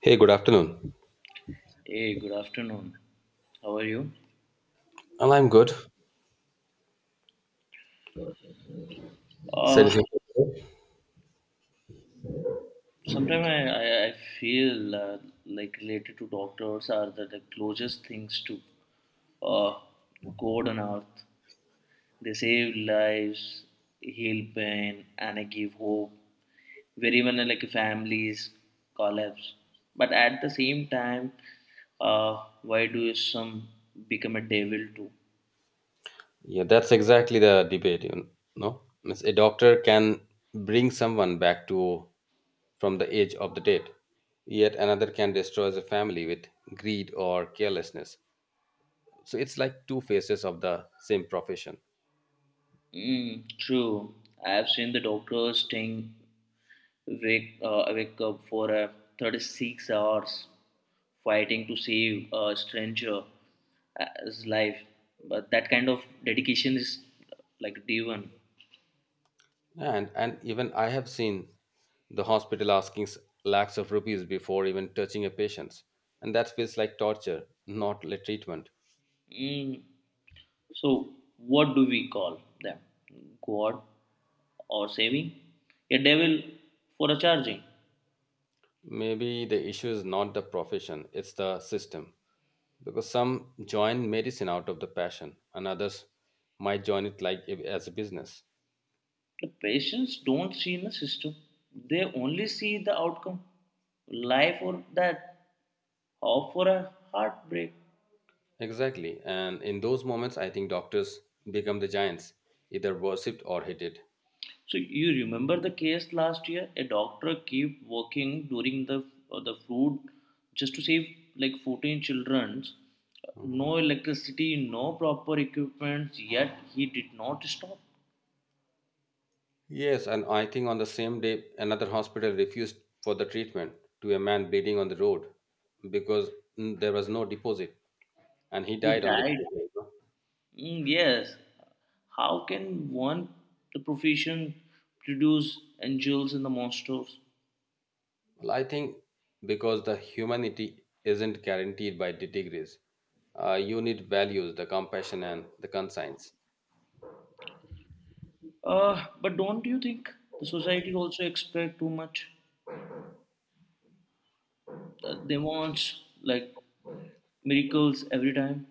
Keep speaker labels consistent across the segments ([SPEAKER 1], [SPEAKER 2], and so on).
[SPEAKER 1] Hey, good afternoon.
[SPEAKER 2] Hey, good afternoon. How are you?
[SPEAKER 1] Well, I'm good.
[SPEAKER 2] Uh,
[SPEAKER 1] Said he.
[SPEAKER 2] sometimes I feel like related to doctors are the closest things to uh, God on earth. They save lives, heal pain, and give hope where even families collapse. But at the same time, why do some become a devil too?
[SPEAKER 1] Yeah, that's exactly the debate, you know. Means A doctor can bring someone back to from the edge of the dead, yet another can destroy the family with greed or carelessness. So it's like two faces of the same profession.
[SPEAKER 2] Mm, true. I have seen the doctor staying wake up for 36 hours fighting to save a stranger as life. But that kind of dedication is like divine.
[SPEAKER 1] And even I have seen the hospital asking lakhs of rupees before even touching a patient, and that feels like torture, not like treatment.
[SPEAKER 2] Mm. So, what do we call them? God or saving? A devil for a charging.
[SPEAKER 1] Maybe the issue is not the profession, it's the system. Because some join medicine out of the passion, and others might join it like as a business.
[SPEAKER 2] The patients don't see in the system, they only see the outcome, life or death, hope for a heartbreak.
[SPEAKER 1] Exactly. And in those moments, I think doctors become the giants, either worshipped or hated.
[SPEAKER 2] So you remember the case last year, a doctor kept working during the flood just to save like 14 children, no
[SPEAKER 1] Mhm.
[SPEAKER 2] electricity, no proper equipment, yet he did not stop.
[SPEAKER 1] Yes, and I think on the same day, another hospital refused for the treatment to a man bleeding on the road because there was no deposit, and he
[SPEAKER 2] He
[SPEAKER 1] died on the
[SPEAKER 2] died.
[SPEAKER 1] spot.
[SPEAKER 2] Mm, yes. How can one, the profession, produce angels and the monsters?
[SPEAKER 1] Well, I think because the humanity isn't guaranteed by the degrees, you need values, the compassion and the conscience.
[SPEAKER 2] But don't you think the society also expect too much? They want like miracles every time,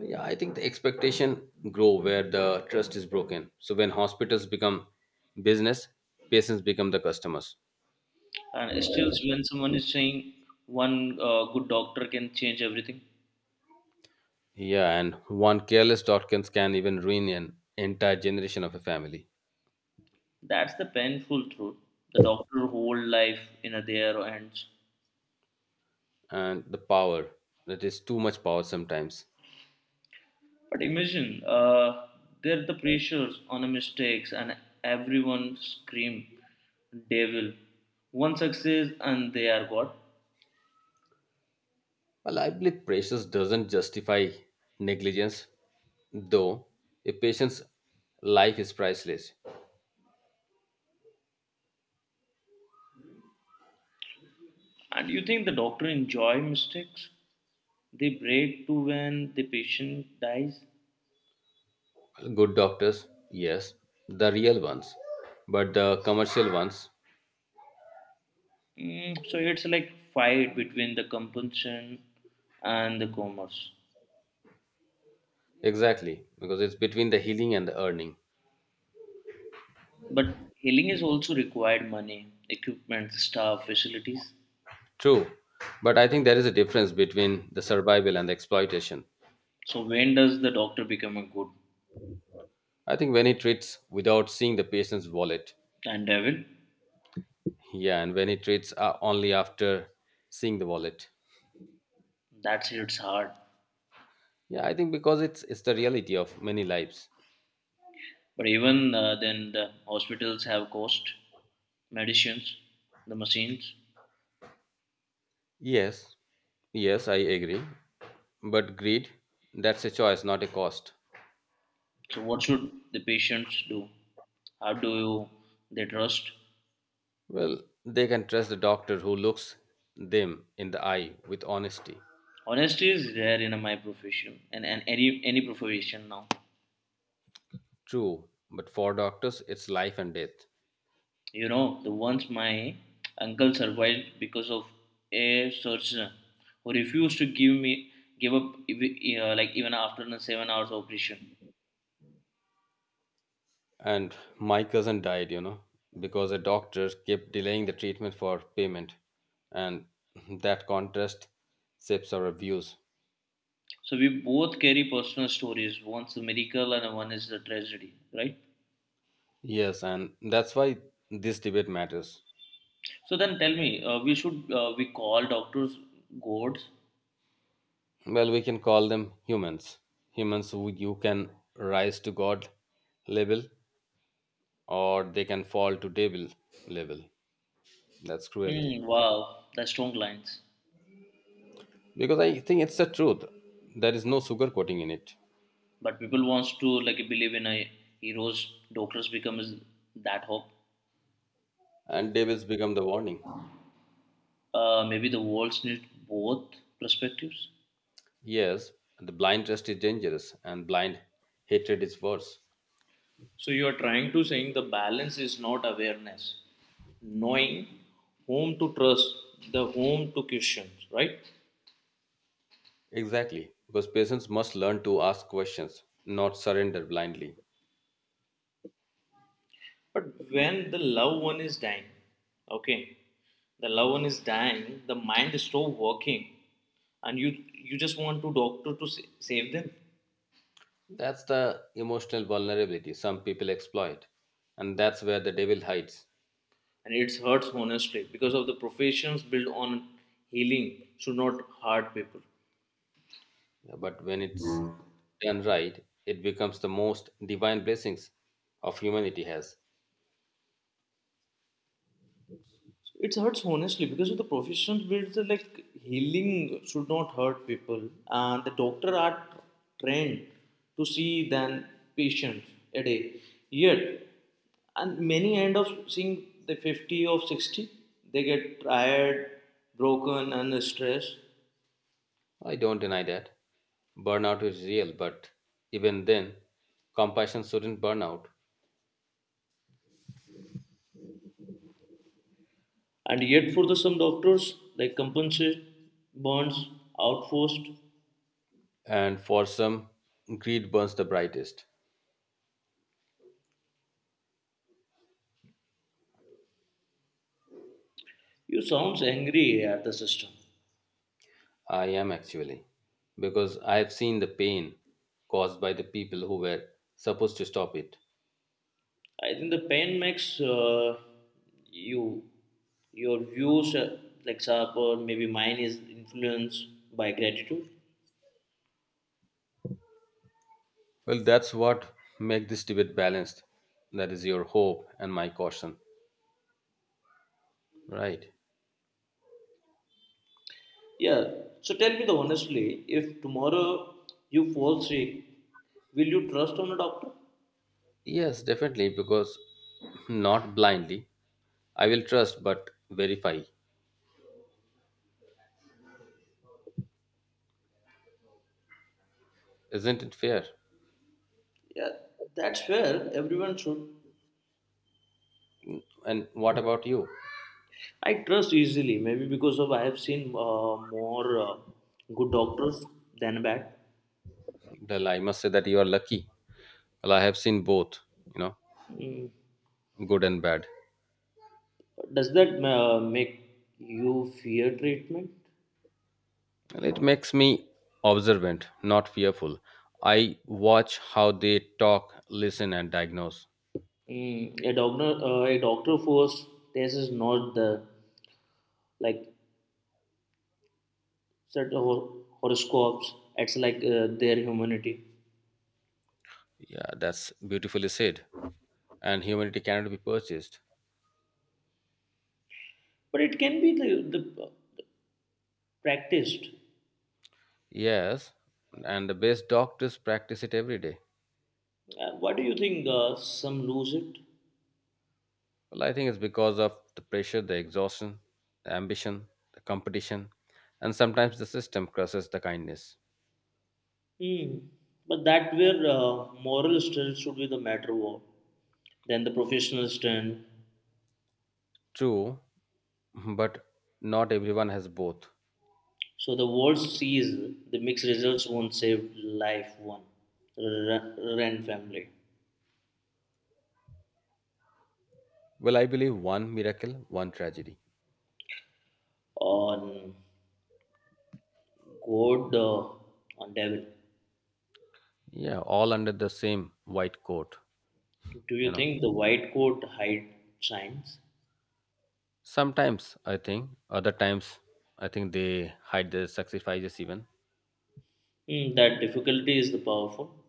[SPEAKER 1] Yeah, I think the expectation grow where the trust is broken. So when hospitals become business, patients become the customers.
[SPEAKER 2] and still, when someone is saying one good doctor can change everything,
[SPEAKER 1] Yeah, and one careless doctor can even ruin an entire generation of a family.
[SPEAKER 2] that's the painful truth. The doctor whole life in their hands.
[SPEAKER 1] And the power, that is too much power sometimes.
[SPEAKER 2] But imagine there the pressures on the mistakes, and everyone scream devil. One success and they are God.
[SPEAKER 1] Well, I believe precious doesn't justify negligence, though a patient's life is priceless,
[SPEAKER 2] And you think the doctor enjoy mistakes? They break too when the patient dies.
[SPEAKER 1] good doctors, yes, the real ones, but the commercial ones,
[SPEAKER 2] Mm, so it's like fight between the compulsion and the commerce.
[SPEAKER 1] exactly, because it's between the healing and the earning.
[SPEAKER 2] But healing is also required money, equipment, staff, facilities.
[SPEAKER 1] True, but I think there is a difference between the survival and the exploitation.
[SPEAKER 2] So when does the doctor become a good
[SPEAKER 1] I think when he treats without seeing the patient's wallet,
[SPEAKER 2] and devil?
[SPEAKER 1] yeah, and when he treats only after seeing the wallet,
[SPEAKER 2] That's it's hard.
[SPEAKER 1] yeah, I think because it's the reality of many lives.
[SPEAKER 2] But even then, the hospitals have cost, medicines, the machines.
[SPEAKER 1] Yes, yes, I agree. But greed, that's a choice, not a cost.
[SPEAKER 2] So, what should the patients do? How do you, they trust?
[SPEAKER 1] Well, they can trust the doctor who looks them in the eye with honesty.
[SPEAKER 2] Honesty is rare in my profession and, any profession now.
[SPEAKER 1] True, but for doctors, it's life and death.
[SPEAKER 2] You know, the once my uncle survived because of a surgeon who refused to give up even after the 7 hours operation.
[SPEAKER 1] And my cousin died, you know, because a doctor kept delaying the treatment for payment. And that contrast shapes our views.
[SPEAKER 2] So we both carry personal stories. One's a miracle and one is a tragedy, right?
[SPEAKER 1] Yes, and that's why this debate matters.
[SPEAKER 2] So then tell me, we call doctors gods.
[SPEAKER 1] Well, we can call them humans. Humans who you can rise to God label or they can fall to devil level. That's cruelty.
[SPEAKER 2] Mm, wow, that's strong lines.
[SPEAKER 1] Because I think it's the truth. There is no sugar coating in it.
[SPEAKER 2] But people wants to like believe in a hero's doctors becomes that hope.
[SPEAKER 1] And devils become the warning.
[SPEAKER 2] Maybe the worlds need both perspectives.
[SPEAKER 1] Yes, the blind trust is dangerous and blind hatred is worse.
[SPEAKER 2] So you are trying to saying the balance is not awareness, knowing whom to trust, the whom to question, right?
[SPEAKER 1] Exactly. Because patients must learn to ask questions, not surrender blindly.
[SPEAKER 2] But when the loved one is dying, okay, the loved one is dying, the mind is still working, and you just want to doctor to save them.
[SPEAKER 1] That's the emotional vulnerability some people exploit. And that's where the devil hides.
[SPEAKER 2] And it hurts honestly because of the professions built on healing should not hurt people.
[SPEAKER 1] Yeah, but when it's done right, it becomes the most divine blessings of humanity has.
[SPEAKER 2] So it hurts honestly because of the professions built so, like healing should not hurt people, and the doctor are trained to see than patients a day. Yet, and many end up seeing the 50 or 60, they get tired, broken, and stressed.
[SPEAKER 1] I don't deny that. Burnout is real, but even then, compassion shouldn't burn out.
[SPEAKER 2] And yet, for the some doctors, like compensate burns, outforced.
[SPEAKER 1] And for some, greed burns the brightest.
[SPEAKER 2] You sounds angry at the system.
[SPEAKER 1] I am actually, because I have seen the pain caused by the people who were supposed to stop it.
[SPEAKER 2] I think the pain makes you your views like sharper. Maybe mine is influenced by gratitude.
[SPEAKER 1] Well, that's what makes this debate balanced. That is your hope and my caution, right?
[SPEAKER 2] Yeah. So tell me the honestly, if tomorrow you fall sick, will you trust on a doctor?
[SPEAKER 1] Yes, definitely, because not blindly. I will trust but verify. Isn't it fair?
[SPEAKER 2] Yeah, that's fair. Everyone should.
[SPEAKER 1] And what about you?
[SPEAKER 2] I trust easily. Maybe because of I have seen more good doctors than bad.
[SPEAKER 1] Well, I must say that you are lucky. Well, I have seen both, you know,
[SPEAKER 2] Mm.
[SPEAKER 1] good and bad.
[SPEAKER 2] Does that make you fear treatment?
[SPEAKER 1] Well, it makes me observant, not fearful. I watch how they talk, listen, and diagnose.
[SPEAKER 2] Mm, a doctor force. This is not the like certain horoscopes. It's like their humanity,
[SPEAKER 1] Yeah, that's beautifully said. And humanity cannot be purchased.
[SPEAKER 2] but it can be the practiced.
[SPEAKER 1] Yes, and the best doctors practice it every day.
[SPEAKER 2] Why do you think some lose it?
[SPEAKER 1] Well, I think it's because of the pressure, the exhaustion, the ambition, the competition, and sometimes the system crushes the kindness.
[SPEAKER 2] Hmm. But that where moral strength should be the matter of than the professional strength.
[SPEAKER 1] True, but not everyone has both.
[SPEAKER 2] So the world sees the mixed results won't save life one Ren family
[SPEAKER 1] Well, I believe one miracle, one tragedy.
[SPEAKER 2] on God on devil.
[SPEAKER 1] Yeah, all under the same white coat,
[SPEAKER 2] Do
[SPEAKER 1] you
[SPEAKER 2] you
[SPEAKER 1] know.
[SPEAKER 2] think the white coat hide signs?
[SPEAKER 1] Sometimes I think, other times I think they hide their sacrifices even.
[SPEAKER 2] Hmm, that difficulty is the powerful,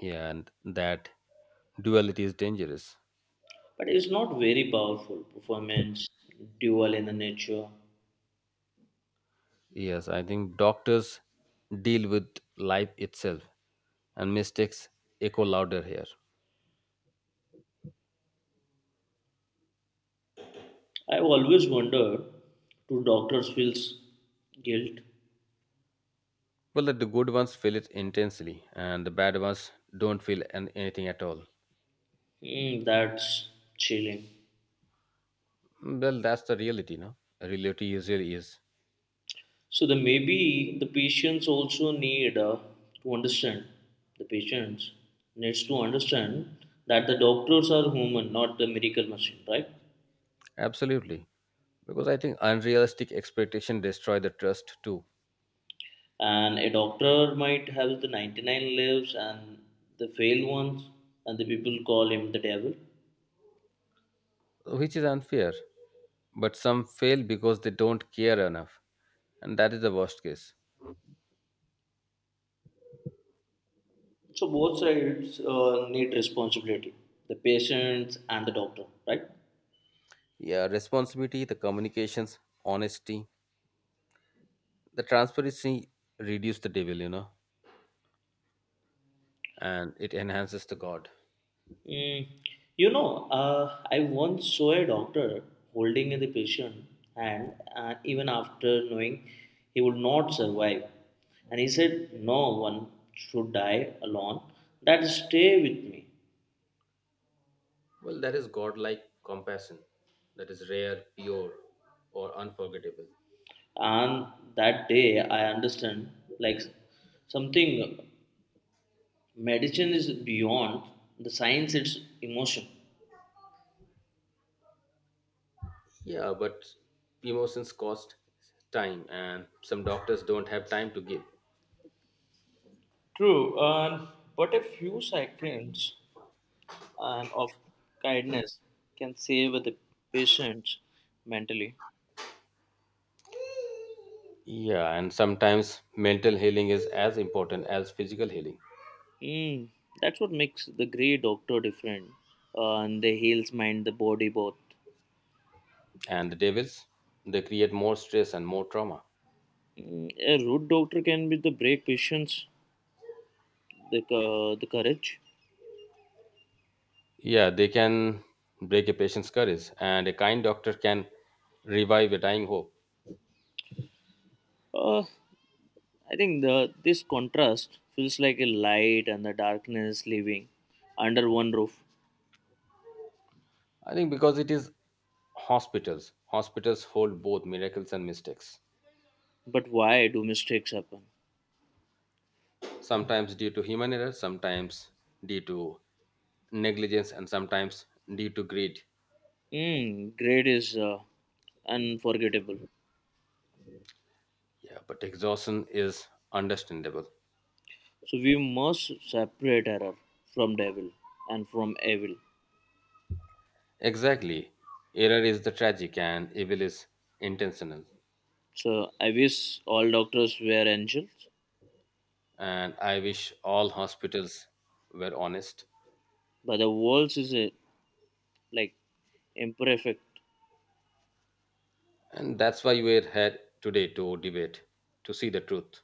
[SPEAKER 1] Yeah, and that duality is dangerous.
[SPEAKER 2] but it's not very powerful performance dual in the nature.
[SPEAKER 1] Yes, I think doctors deal with life itself and mistakes echo louder here.
[SPEAKER 2] I've always wondered, do doctors feel guilt?
[SPEAKER 1] Well, that the good ones feel it intensely and the bad ones don't feel anything at all.
[SPEAKER 2] Hmm, that's chilling.
[SPEAKER 1] Well, that's the reality, no? Reality usually is.
[SPEAKER 2] So the maybe the patients also need to understand. The patients needs to understand that the doctors are human, not the miracle machine, right?
[SPEAKER 1] Absolutely. Because I think unrealistic expectation destroy the trust too,
[SPEAKER 2] And a doctor might have the 99 lives and the failed ones, and the people call him the devil.
[SPEAKER 1] which is unfair. But some fail because they don't care enough. And that is the worst case.
[SPEAKER 2] So both sides need responsibility, the patients and the doctor, right?
[SPEAKER 1] Yeah, responsibility, the communications, honesty, the transparency reduce the devil, you know, and it enhances the God.
[SPEAKER 2] Mm, you know, I once saw a doctor holding the patient hand, and even after knowing he would not survive, and he said, "No one should die alone. That stay with me."
[SPEAKER 1] Well, that is God-like compassion that is rare, pure, or unforgettable.
[SPEAKER 2] And that day, I understand like something. Medicine is beyond the science; it's emotion.
[SPEAKER 1] Yeah, but emotions cost time, and some doctors don't have time to give.
[SPEAKER 2] True, and but a few seconds and of kindness can save the patient mentally.
[SPEAKER 1] Yeah, and sometimes mental healing is as important as physical healing.
[SPEAKER 2] Mm, that's what makes the great doctor different. And the heals mind, the body both.
[SPEAKER 1] And the devils, they create more stress and more trauma.
[SPEAKER 2] Mm, a rude doctor can be the break patience, the courage.
[SPEAKER 1] Yeah, they can break a patient's courage, and a kind doctor can revive a dying hope.
[SPEAKER 2] Uh, I think the this contrast feels like a light and the darkness living under one roof.
[SPEAKER 1] I think because it is hospitals. Hospitals hold both miracles and mistakes.
[SPEAKER 2] But why do mistakes happen?
[SPEAKER 1] Sometimes due to human error, sometimes due to negligence, and sometimes due to greed.
[SPEAKER 2] Mm, great is unforgettable.
[SPEAKER 1] Yeah, but exhaustion is understandable.
[SPEAKER 2] So we must separate error from devil and from evil.
[SPEAKER 1] Exactly. Error is the tragic and evil is intentional.
[SPEAKER 2] So I wish all doctors were angels,
[SPEAKER 1] And I wish all hospitals were honest.
[SPEAKER 2] but the world is a, like imperfect.
[SPEAKER 1] And that's why we're here today to debate, to see the truth.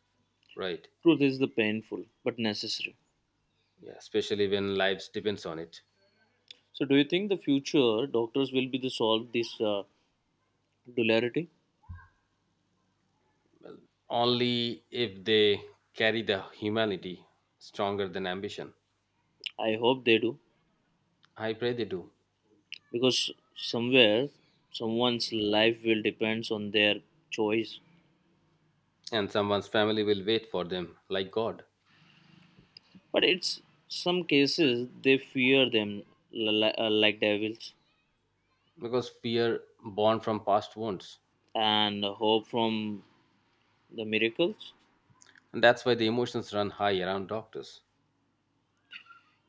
[SPEAKER 1] Right.
[SPEAKER 2] Truth is the painful but necessary.
[SPEAKER 1] Yeah, especially when lives depends on it.
[SPEAKER 2] So do you think the future doctors will be the solve this duality?
[SPEAKER 1] Only if they carry the humanity stronger than ambition.
[SPEAKER 2] I hope they do
[SPEAKER 1] I pray they do.
[SPEAKER 2] because somewhere someone's life will depends on their choice.
[SPEAKER 1] And someone's family will wait for them like God.
[SPEAKER 2] But it's some cases they fear them like devils
[SPEAKER 1] Because fear born from past wounds
[SPEAKER 2] and hope from the miracles.
[SPEAKER 1] and that's why the emotions run high around doctors.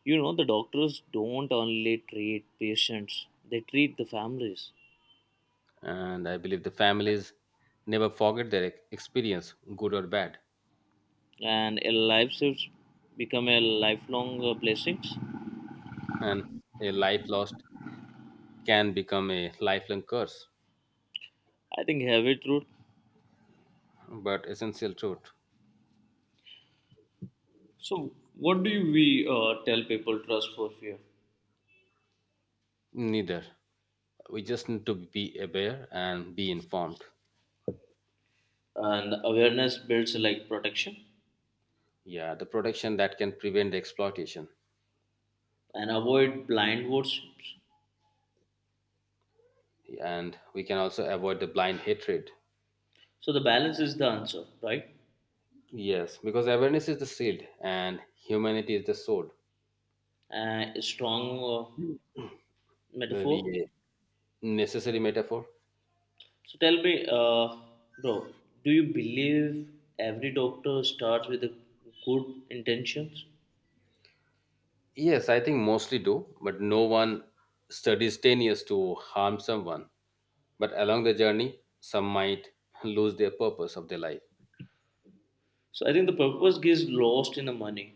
[SPEAKER 2] You know, the doctors don't only treat patients, they treat the families.
[SPEAKER 1] And I believe the families never forget their experience, good or bad.
[SPEAKER 2] And a life saves become a lifelong blessings.
[SPEAKER 1] And a life lost can become a lifelong curse,
[SPEAKER 2] I think heavy truth.
[SPEAKER 1] but essential truth,
[SPEAKER 2] So what do we tell people trust for fear?
[SPEAKER 1] neither. We just need to be aware and be informed.
[SPEAKER 2] And awareness builds like protection
[SPEAKER 1] Yeah, the protection that can prevent the exploitation.
[SPEAKER 2] and avoid blind worships.
[SPEAKER 1] And we can also avoid the blind hatred.
[SPEAKER 2] So the balance is the answer, right?
[SPEAKER 1] Yes, because awareness is the shield and humanity is the sword.
[SPEAKER 2] A strong metaphor.
[SPEAKER 1] Maybe a necessary metaphor.
[SPEAKER 2] So tell me, bro, do you believe every doctor starts with a good intentions?
[SPEAKER 1] Yes, I think mostly do, but no one studies 10 years to harm someone. But along the journey, some might lose their purpose of their life.
[SPEAKER 2] So I think the purpose gets lost in the money,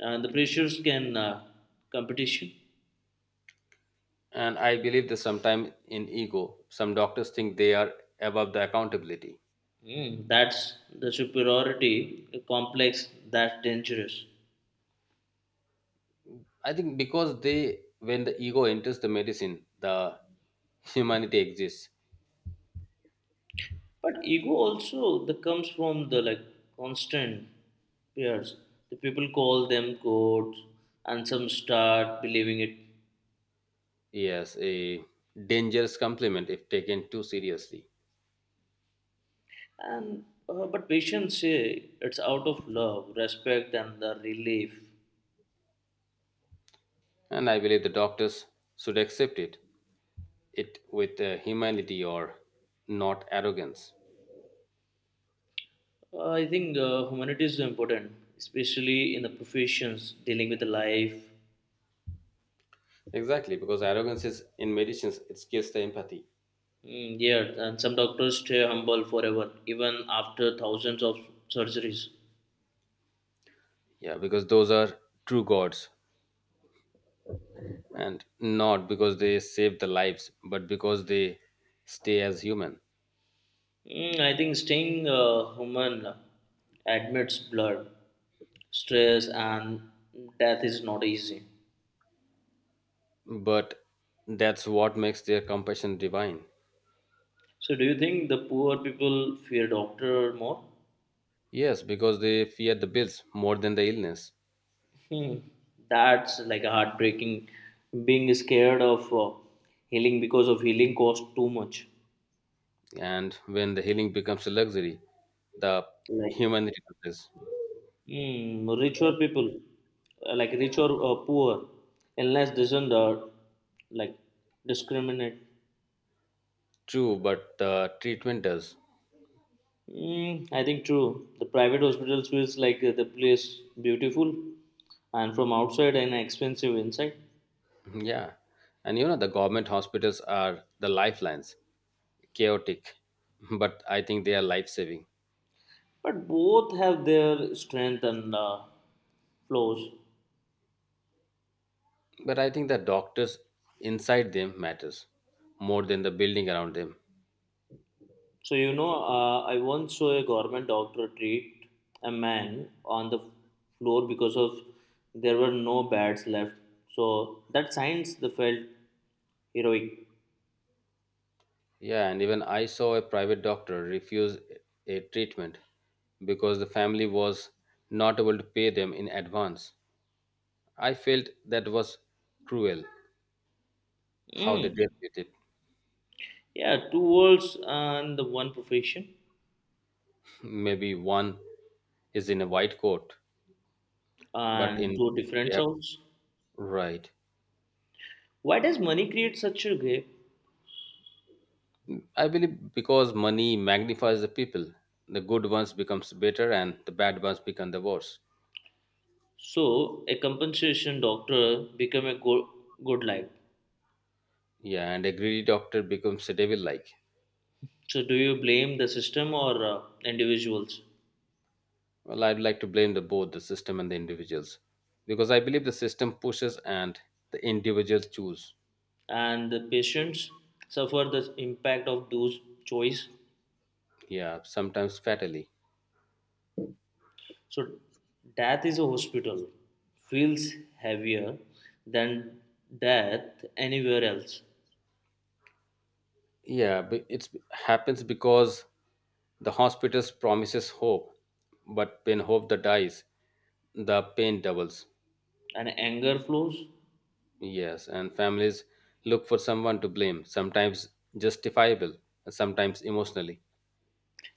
[SPEAKER 2] and the pressures can competition.
[SPEAKER 1] And I believe that sometimes in ego, some doctors think they are above the accountability.
[SPEAKER 2] Mm, that's the superiority complex that's dangerous.
[SPEAKER 1] I think because they, when the ego enters the medicine, the humanity exists.
[SPEAKER 2] But ego also that comes from the like constant peers. The people call them gods, and some start believing it.
[SPEAKER 1] Yes, a dangerous compliment if taken too seriously.
[SPEAKER 2] And but patients say it's out of love, respect, and the relief.
[SPEAKER 1] And I believe the doctors should accept it with humility or not arrogance,
[SPEAKER 2] I think humanity is important, especially in the professions dealing with life.
[SPEAKER 1] exactly because arrogance is in medicines it kills the empathy,
[SPEAKER 2] Mm, yeah, and some doctors stay humble forever, even after thousands of surgeries.
[SPEAKER 1] yeah because those are true gods and not because they save the lives but because they stay as human,
[SPEAKER 2] Mm, I think staying human admits blood, stress, and death is not easy.
[SPEAKER 1] but that's what makes their compassion divine,
[SPEAKER 2] So, do you think the poor people fear doctor more?
[SPEAKER 1] yes because they fear the bills more than the illness,
[SPEAKER 2] Hmm, that's like a heartbreaking. Being scared of healing because of healing costs too much.
[SPEAKER 1] and when the healing becomes a luxury the
[SPEAKER 2] Like
[SPEAKER 1] humanity does,
[SPEAKER 2] mm, richer people, like rich or poor, unless doesn't like discriminate.
[SPEAKER 1] true but the treatment does.
[SPEAKER 2] Mm, I think true. The private hospitals feels like the place beautiful, and from outside and expensive inside.
[SPEAKER 1] Yeah. And you know, the government hospitals are the lifelines, chaotic, but I think they are life saving.
[SPEAKER 2] But both have their strength and flaws.
[SPEAKER 1] But I think the doctors inside them matters more than the building around them.
[SPEAKER 2] So you know, I once saw a government doctor treat a man on the floor because of there were no beds left. So that science they felt heroic.
[SPEAKER 1] Yeah, and even I saw a private doctor refuse a treatment because the family was not able to pay them in advance. I felt that was cruel how they
[SPEAKER 2] Mm.
[SPEAKER 1] dealt with it.
[SPEAKER 2] Yeah, two worlds and the one profession
[SPEAKER 1] Maybe one is in a white coat, but
[SPEAKER 2] and
[SPEAKER 1] in
[SPEAKER 2] two different
[SPEAKER 1] yeah,
[SPEAKER 2] sounds.
[SPEAKER 1] right.
[SPEAKER 2] Why does money create such a gap?
[SPEAKER 1] I believe because money magnifies the people, the good ones becomes better and the bad ones become the worse.
[SPEAKER 2] So a compensation doctor become a good life.
[SPEAKER 1] Yeah, and a greedy doctor becomes a devil like.
[SPEAKER 2] So do you blame the system or individuals?
[SPEAKER 1] Well, I'd like to blame the both the system and the individuals because I believe the system pushes and the individuals choose.
[SPEAKER 2] And the patients suffer the impact of those choice.
[SPEAKER 1] Yeah, sometimes fatally.
[SPEAKER 2] So death is a hospital feels heavier than death anywhere else.
[SPEAKER 1] Yeah, but it happens because the hospitals promises hope, but when hope that dies, the pain doubles.
[SPEAKER 2] And anger flows.
[SPEAKER 1] Yes, and families look for someone to blame, sometimes justifiable, and sometimes emotionally.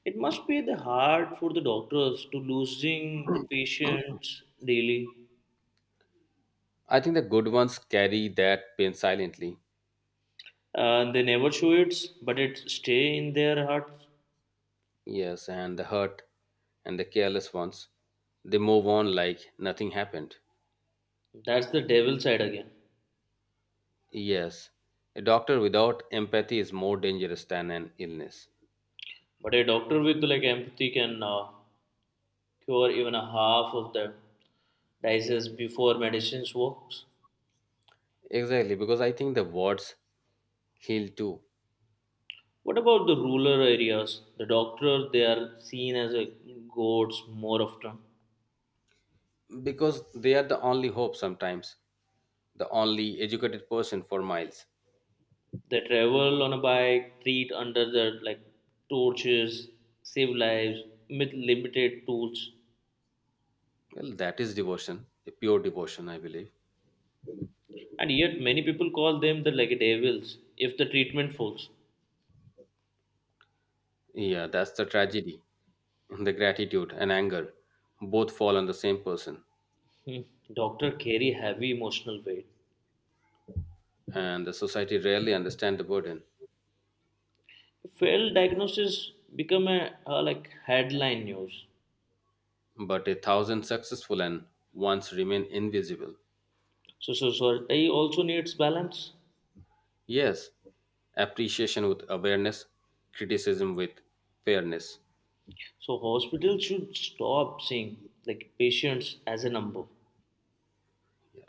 [SPEAKER 2] It must be the hard for the doctors to losing the patients daily.
[SPEAKER 1] I think the good ones carry that pain silently.
[SPEAKER 2] They never show it, but it stay in their hearts.
[SPEAKER 1] Yes, and the hurt and the careless ones, they move on like nothing happened.
[SPEAKER 2] That's the devil side again.
[SPEAKER 1] Yes, a doctor without empathy is more dangerous than an illness.
[SPEAKER 2] But a doctor with like empathy can cure even a half of the diseases before medicines works.
[SPEAKER 1] Exactly, because I think the words heal too,
[SPEAKER 2] What about the rural areas? The doctors they are seen as a gods more often.
[SPEAKER 1] because they are the only hope sometimes, the only educated person for miles.
[SPEAKER 2] They travel on a bike, treat under the like torches, save lives with limited tools,
[SPEAKER 1] Well, that is devotion, a pure devotion, I believe.
[SPEAKER 2] and yet many people call them the like devils if the treatment fails.
[SPEAKER 1] Yeah, that's the tragedy. The gratitude and anger both fall on the same person,
[SPEAKER 2] Hmm. Doctor carry heavy emotional weight.
[SPEAKER 1] and the society rarely understand the burden.
[SPEAKER 2] Failed diagnosis become a like headline news.
[SPEAKER 1] But a thousand successful and ones remain invisible.
[SPEAKER 2] So so society also needs balance.
[SPEAKER 1] Yes, appreciation with awareness, criticism with fairness,
[SPEAKER 2] So hospitals should stop seeing like patients as a number.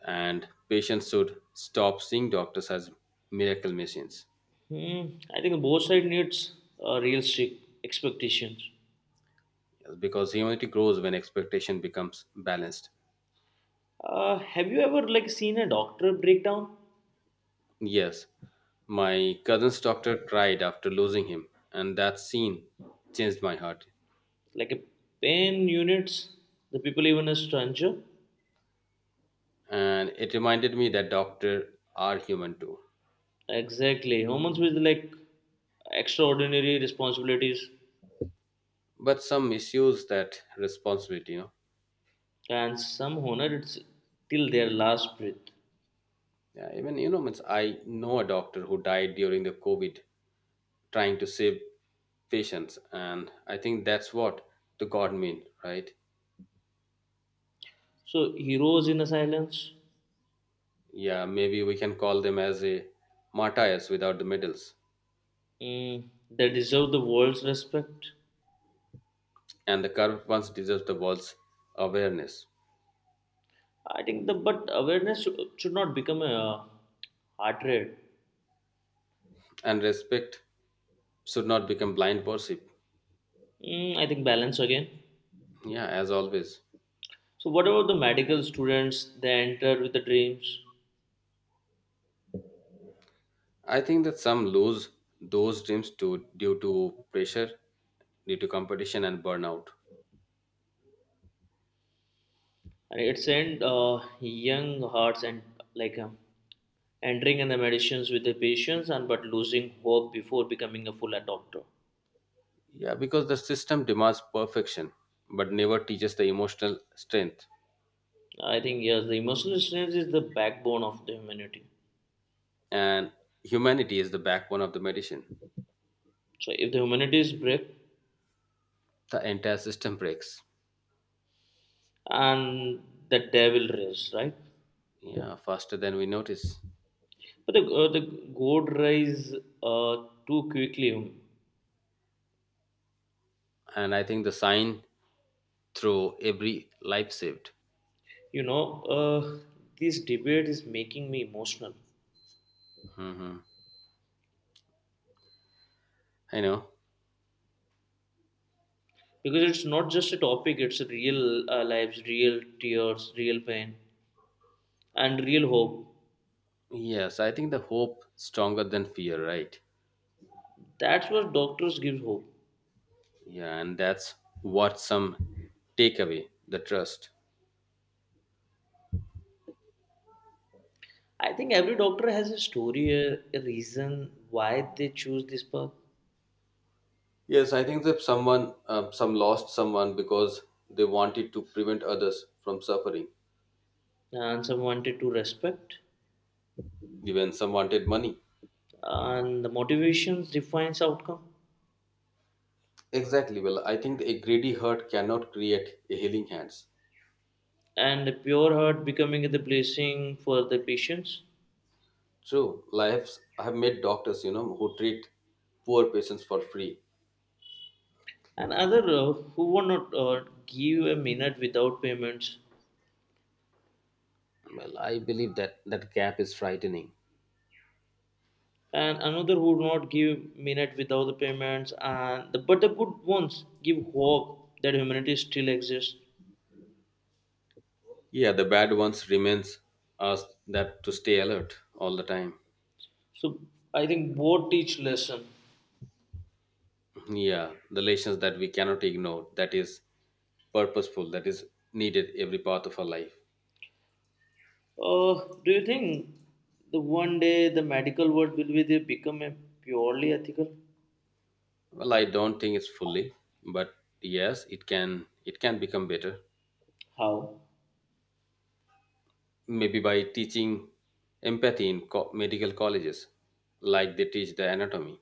[SPEAKER 1] and patients should stop seeing doctors as miracle machines.
[SPEAKER 2] Hmm. I think both side needs real strict expectations.
[SPEAKER 1] Yes, because humanity grows when expectation becomes balanced.
[SPEAKER 2] Have you ever like seen a doctor breakdown?
[SPEAKER 1] Yes, my cousin's doctor cried after losing him, and that scene changed my heart.
[SPEAKER 2] Like a pain units, the people even a stranger.
[SPEAKER 1] And it reminded me that doctors are human too.
[SPEAKER 2] Exactly. Humans with like extraordinary responsibilities
[SPEAKER 1] But some issues that responsibility, you know.
[SPEAKER 2] and some honor it's till their last breath.
[SPEAKER 1] Yeah, even, you know, means I know a doctor who died during the COVID trying to save patients. And I think that's what the God mean, right?
[SPEAKER 2] So heroes in the silence.
[SPEAKER 1] Yeah, maybe we can call them as a martyrs without the medals.
[SPEAKER 2] Mm, they deserve the world's respect.
[SPEAKER 1] And the curved ones deserve the world's awareness.
[SPEAKER 2] I think the but awareness should not become a heart rate.
[SPEAKER 1] And respect should not become blind worship.
[SPEAKER 2] Mm, I think balance again.
[SPEAKER 1] Yeah, as always.
[SPEAKER 2] So what about the medical students? They enter with the dreams,
[SPEAKER 1] I think that some lose those dreams to due to pressure, due to competition and burnout.
[SPEAKER 2] and it's in young hearts and like entering in the medicines with the patients and but losing hope before becoming a full doctor.
[SPEAKER 1] Yeah, because the system demands perfection, but never teaches the emotional strength.
[SPEAKER 2] I think yes, the emotional strength is the backbone of the humanity.
[SPEAKER 1] And humanity is the backbone of the medicine.
[SPEAKER 2] So if the humanity is break,
[SPEAKER 1] The entire system breaks.
[SPEAKER 2] and the devil raise, right?
[SPEAKER 1] Yeah, faster than we notice.
[SPEAKER 2] But the gold rise uh, too quickly.
[SPEAKER 1] And I think the sign through every life saved.
[SPEAKER 2] You know, this debate is making me emotional
[SPEAKER 1] Hmm, I know.
[SPEAKER 2] because it's not just a topic; it's a real lives, real tears, real pain, and real hope.
[SPEAKER 1] Yes, I think the hope stronger than fear, right?
[SPEAKER 2] That's what doctors give hope.
[SPEAKER 1] Yeah, and that's what some take away the trust.
[SPEAKER 2] I think every doctor has a story, a reason why they choose this path,
[SPEAKER 1] Yes, I think that someone, some lost someone because they wanted to prevent others from suffering.
[SPEAKER 2] and some wanted to respect,
[SPEAKER 1] Even some wanted money.
[SPEAKER 2] and the motivations defines outcome,
[SPEAKER 1] Exactly. Well, I think a greedy heart cannot create a healing hands.
[SPEAKER 2] and a pure heart becoming the blessing for the patients
[SPEAKER 1] True. Lives. I have met doctors, you know, who treat poor patients for free.
[SPEAKER 2] and other who would not give a minute without payments
[SPEAKER 1] Well, I believe that that gap is frightening.
[SPEAKER 2] and another who would not give minute without the payments and the, but the good ones give hope that humanity still exists.
[SPEAKER 1] Yeah, the bad ones remains us that to stay alert all the time.
[SPEAKER 2] So I think both teach lesson.
[SPEAKER 1] Yeah, the lessons that we cannot ignore, that is purposeful, that is needed every part of our life.
[SPEAKER 2] Uh, do you think the one day the medical world will be they become a purely ethical?
[SPEAKER 1] Well, I don't think it's fully, but yes, it can become better.
[SPEAKER 2] How?
[SPEAKER 1] Maybe by teaching empathy in medical colleges, like they teach the anatomy.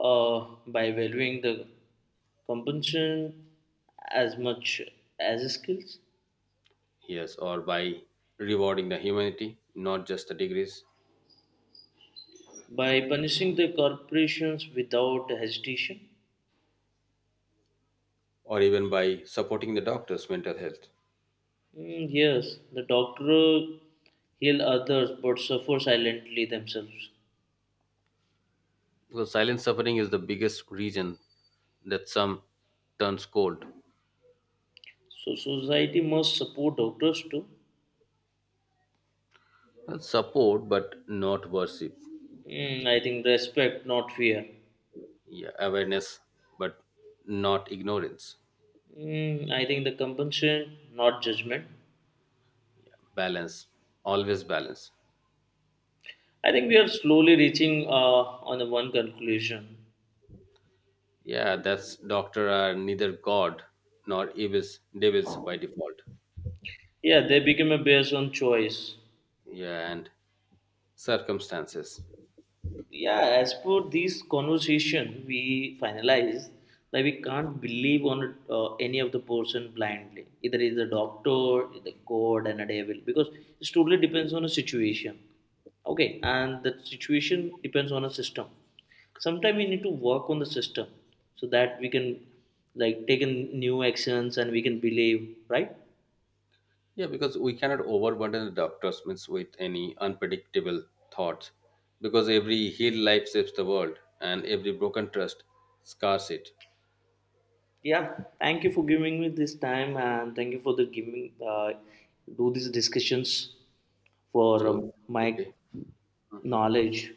[SPEAKER 2] Uh, by valuing the compensation as much as skills,
[SPEAKER 1] Yes, or by rewarding the humanity, not just the degrees,
[SPEAKER 2] by punishing the corporations without hesitation.
[SPEAKER 1] or even by supporting the doctors' mental health.
[SPEAKER 2] Mm, yes, the doctor heal others but suffer silently themselves.
[SPEAKER 1] Because silent suffering is the biggest reason that some turns cold.
[SPEAKER 2] So society must support doctors too.
[SPEAKER 1] Well, support, but not worship.
[SPEAKER 2] Mm, I think respect, not fear.
[SPEAKER 1] Yeah, awareness, but not ignorance.
[SPEAKER 2] Mm, I think the compensation, not judgment.
[SPEAKER 1] Balance, always balance.
[SPEAKER 2] I think we are slowly reaching on the one conclusion.
[SPEAKER 1] Yeah, that's doctor are neither God nor evils, devils by default.
[SPEAKER 2] Yeah, they become a based on choice.
[SPEAKER 1] Yeah, and circumstances.
[SPEAKER 2] Yeah, as per this conversation we finalize that we can't believe on any of the person blindly either is a doctor the god and a devil because it totally depends on a situation, okay, and the situation depends on a system. Sometimes we need to work on the system so that we can like take in new actions and we can believe, right?
[SPEAKER 1] Yeah, because we cannot overburden the doctors means with any unpredictable thoughts, because every healed life saves the world, and every broken trust scars it.
[SPEAKER 2] Yeah, thank you for giving me this time and thank you for the giving do these discussions for
[SPEAKER 1] So,
[SPEAKER 2] my
[SPEAKER 1] okay. Hmm.
[SPEAKER 2] knowledge.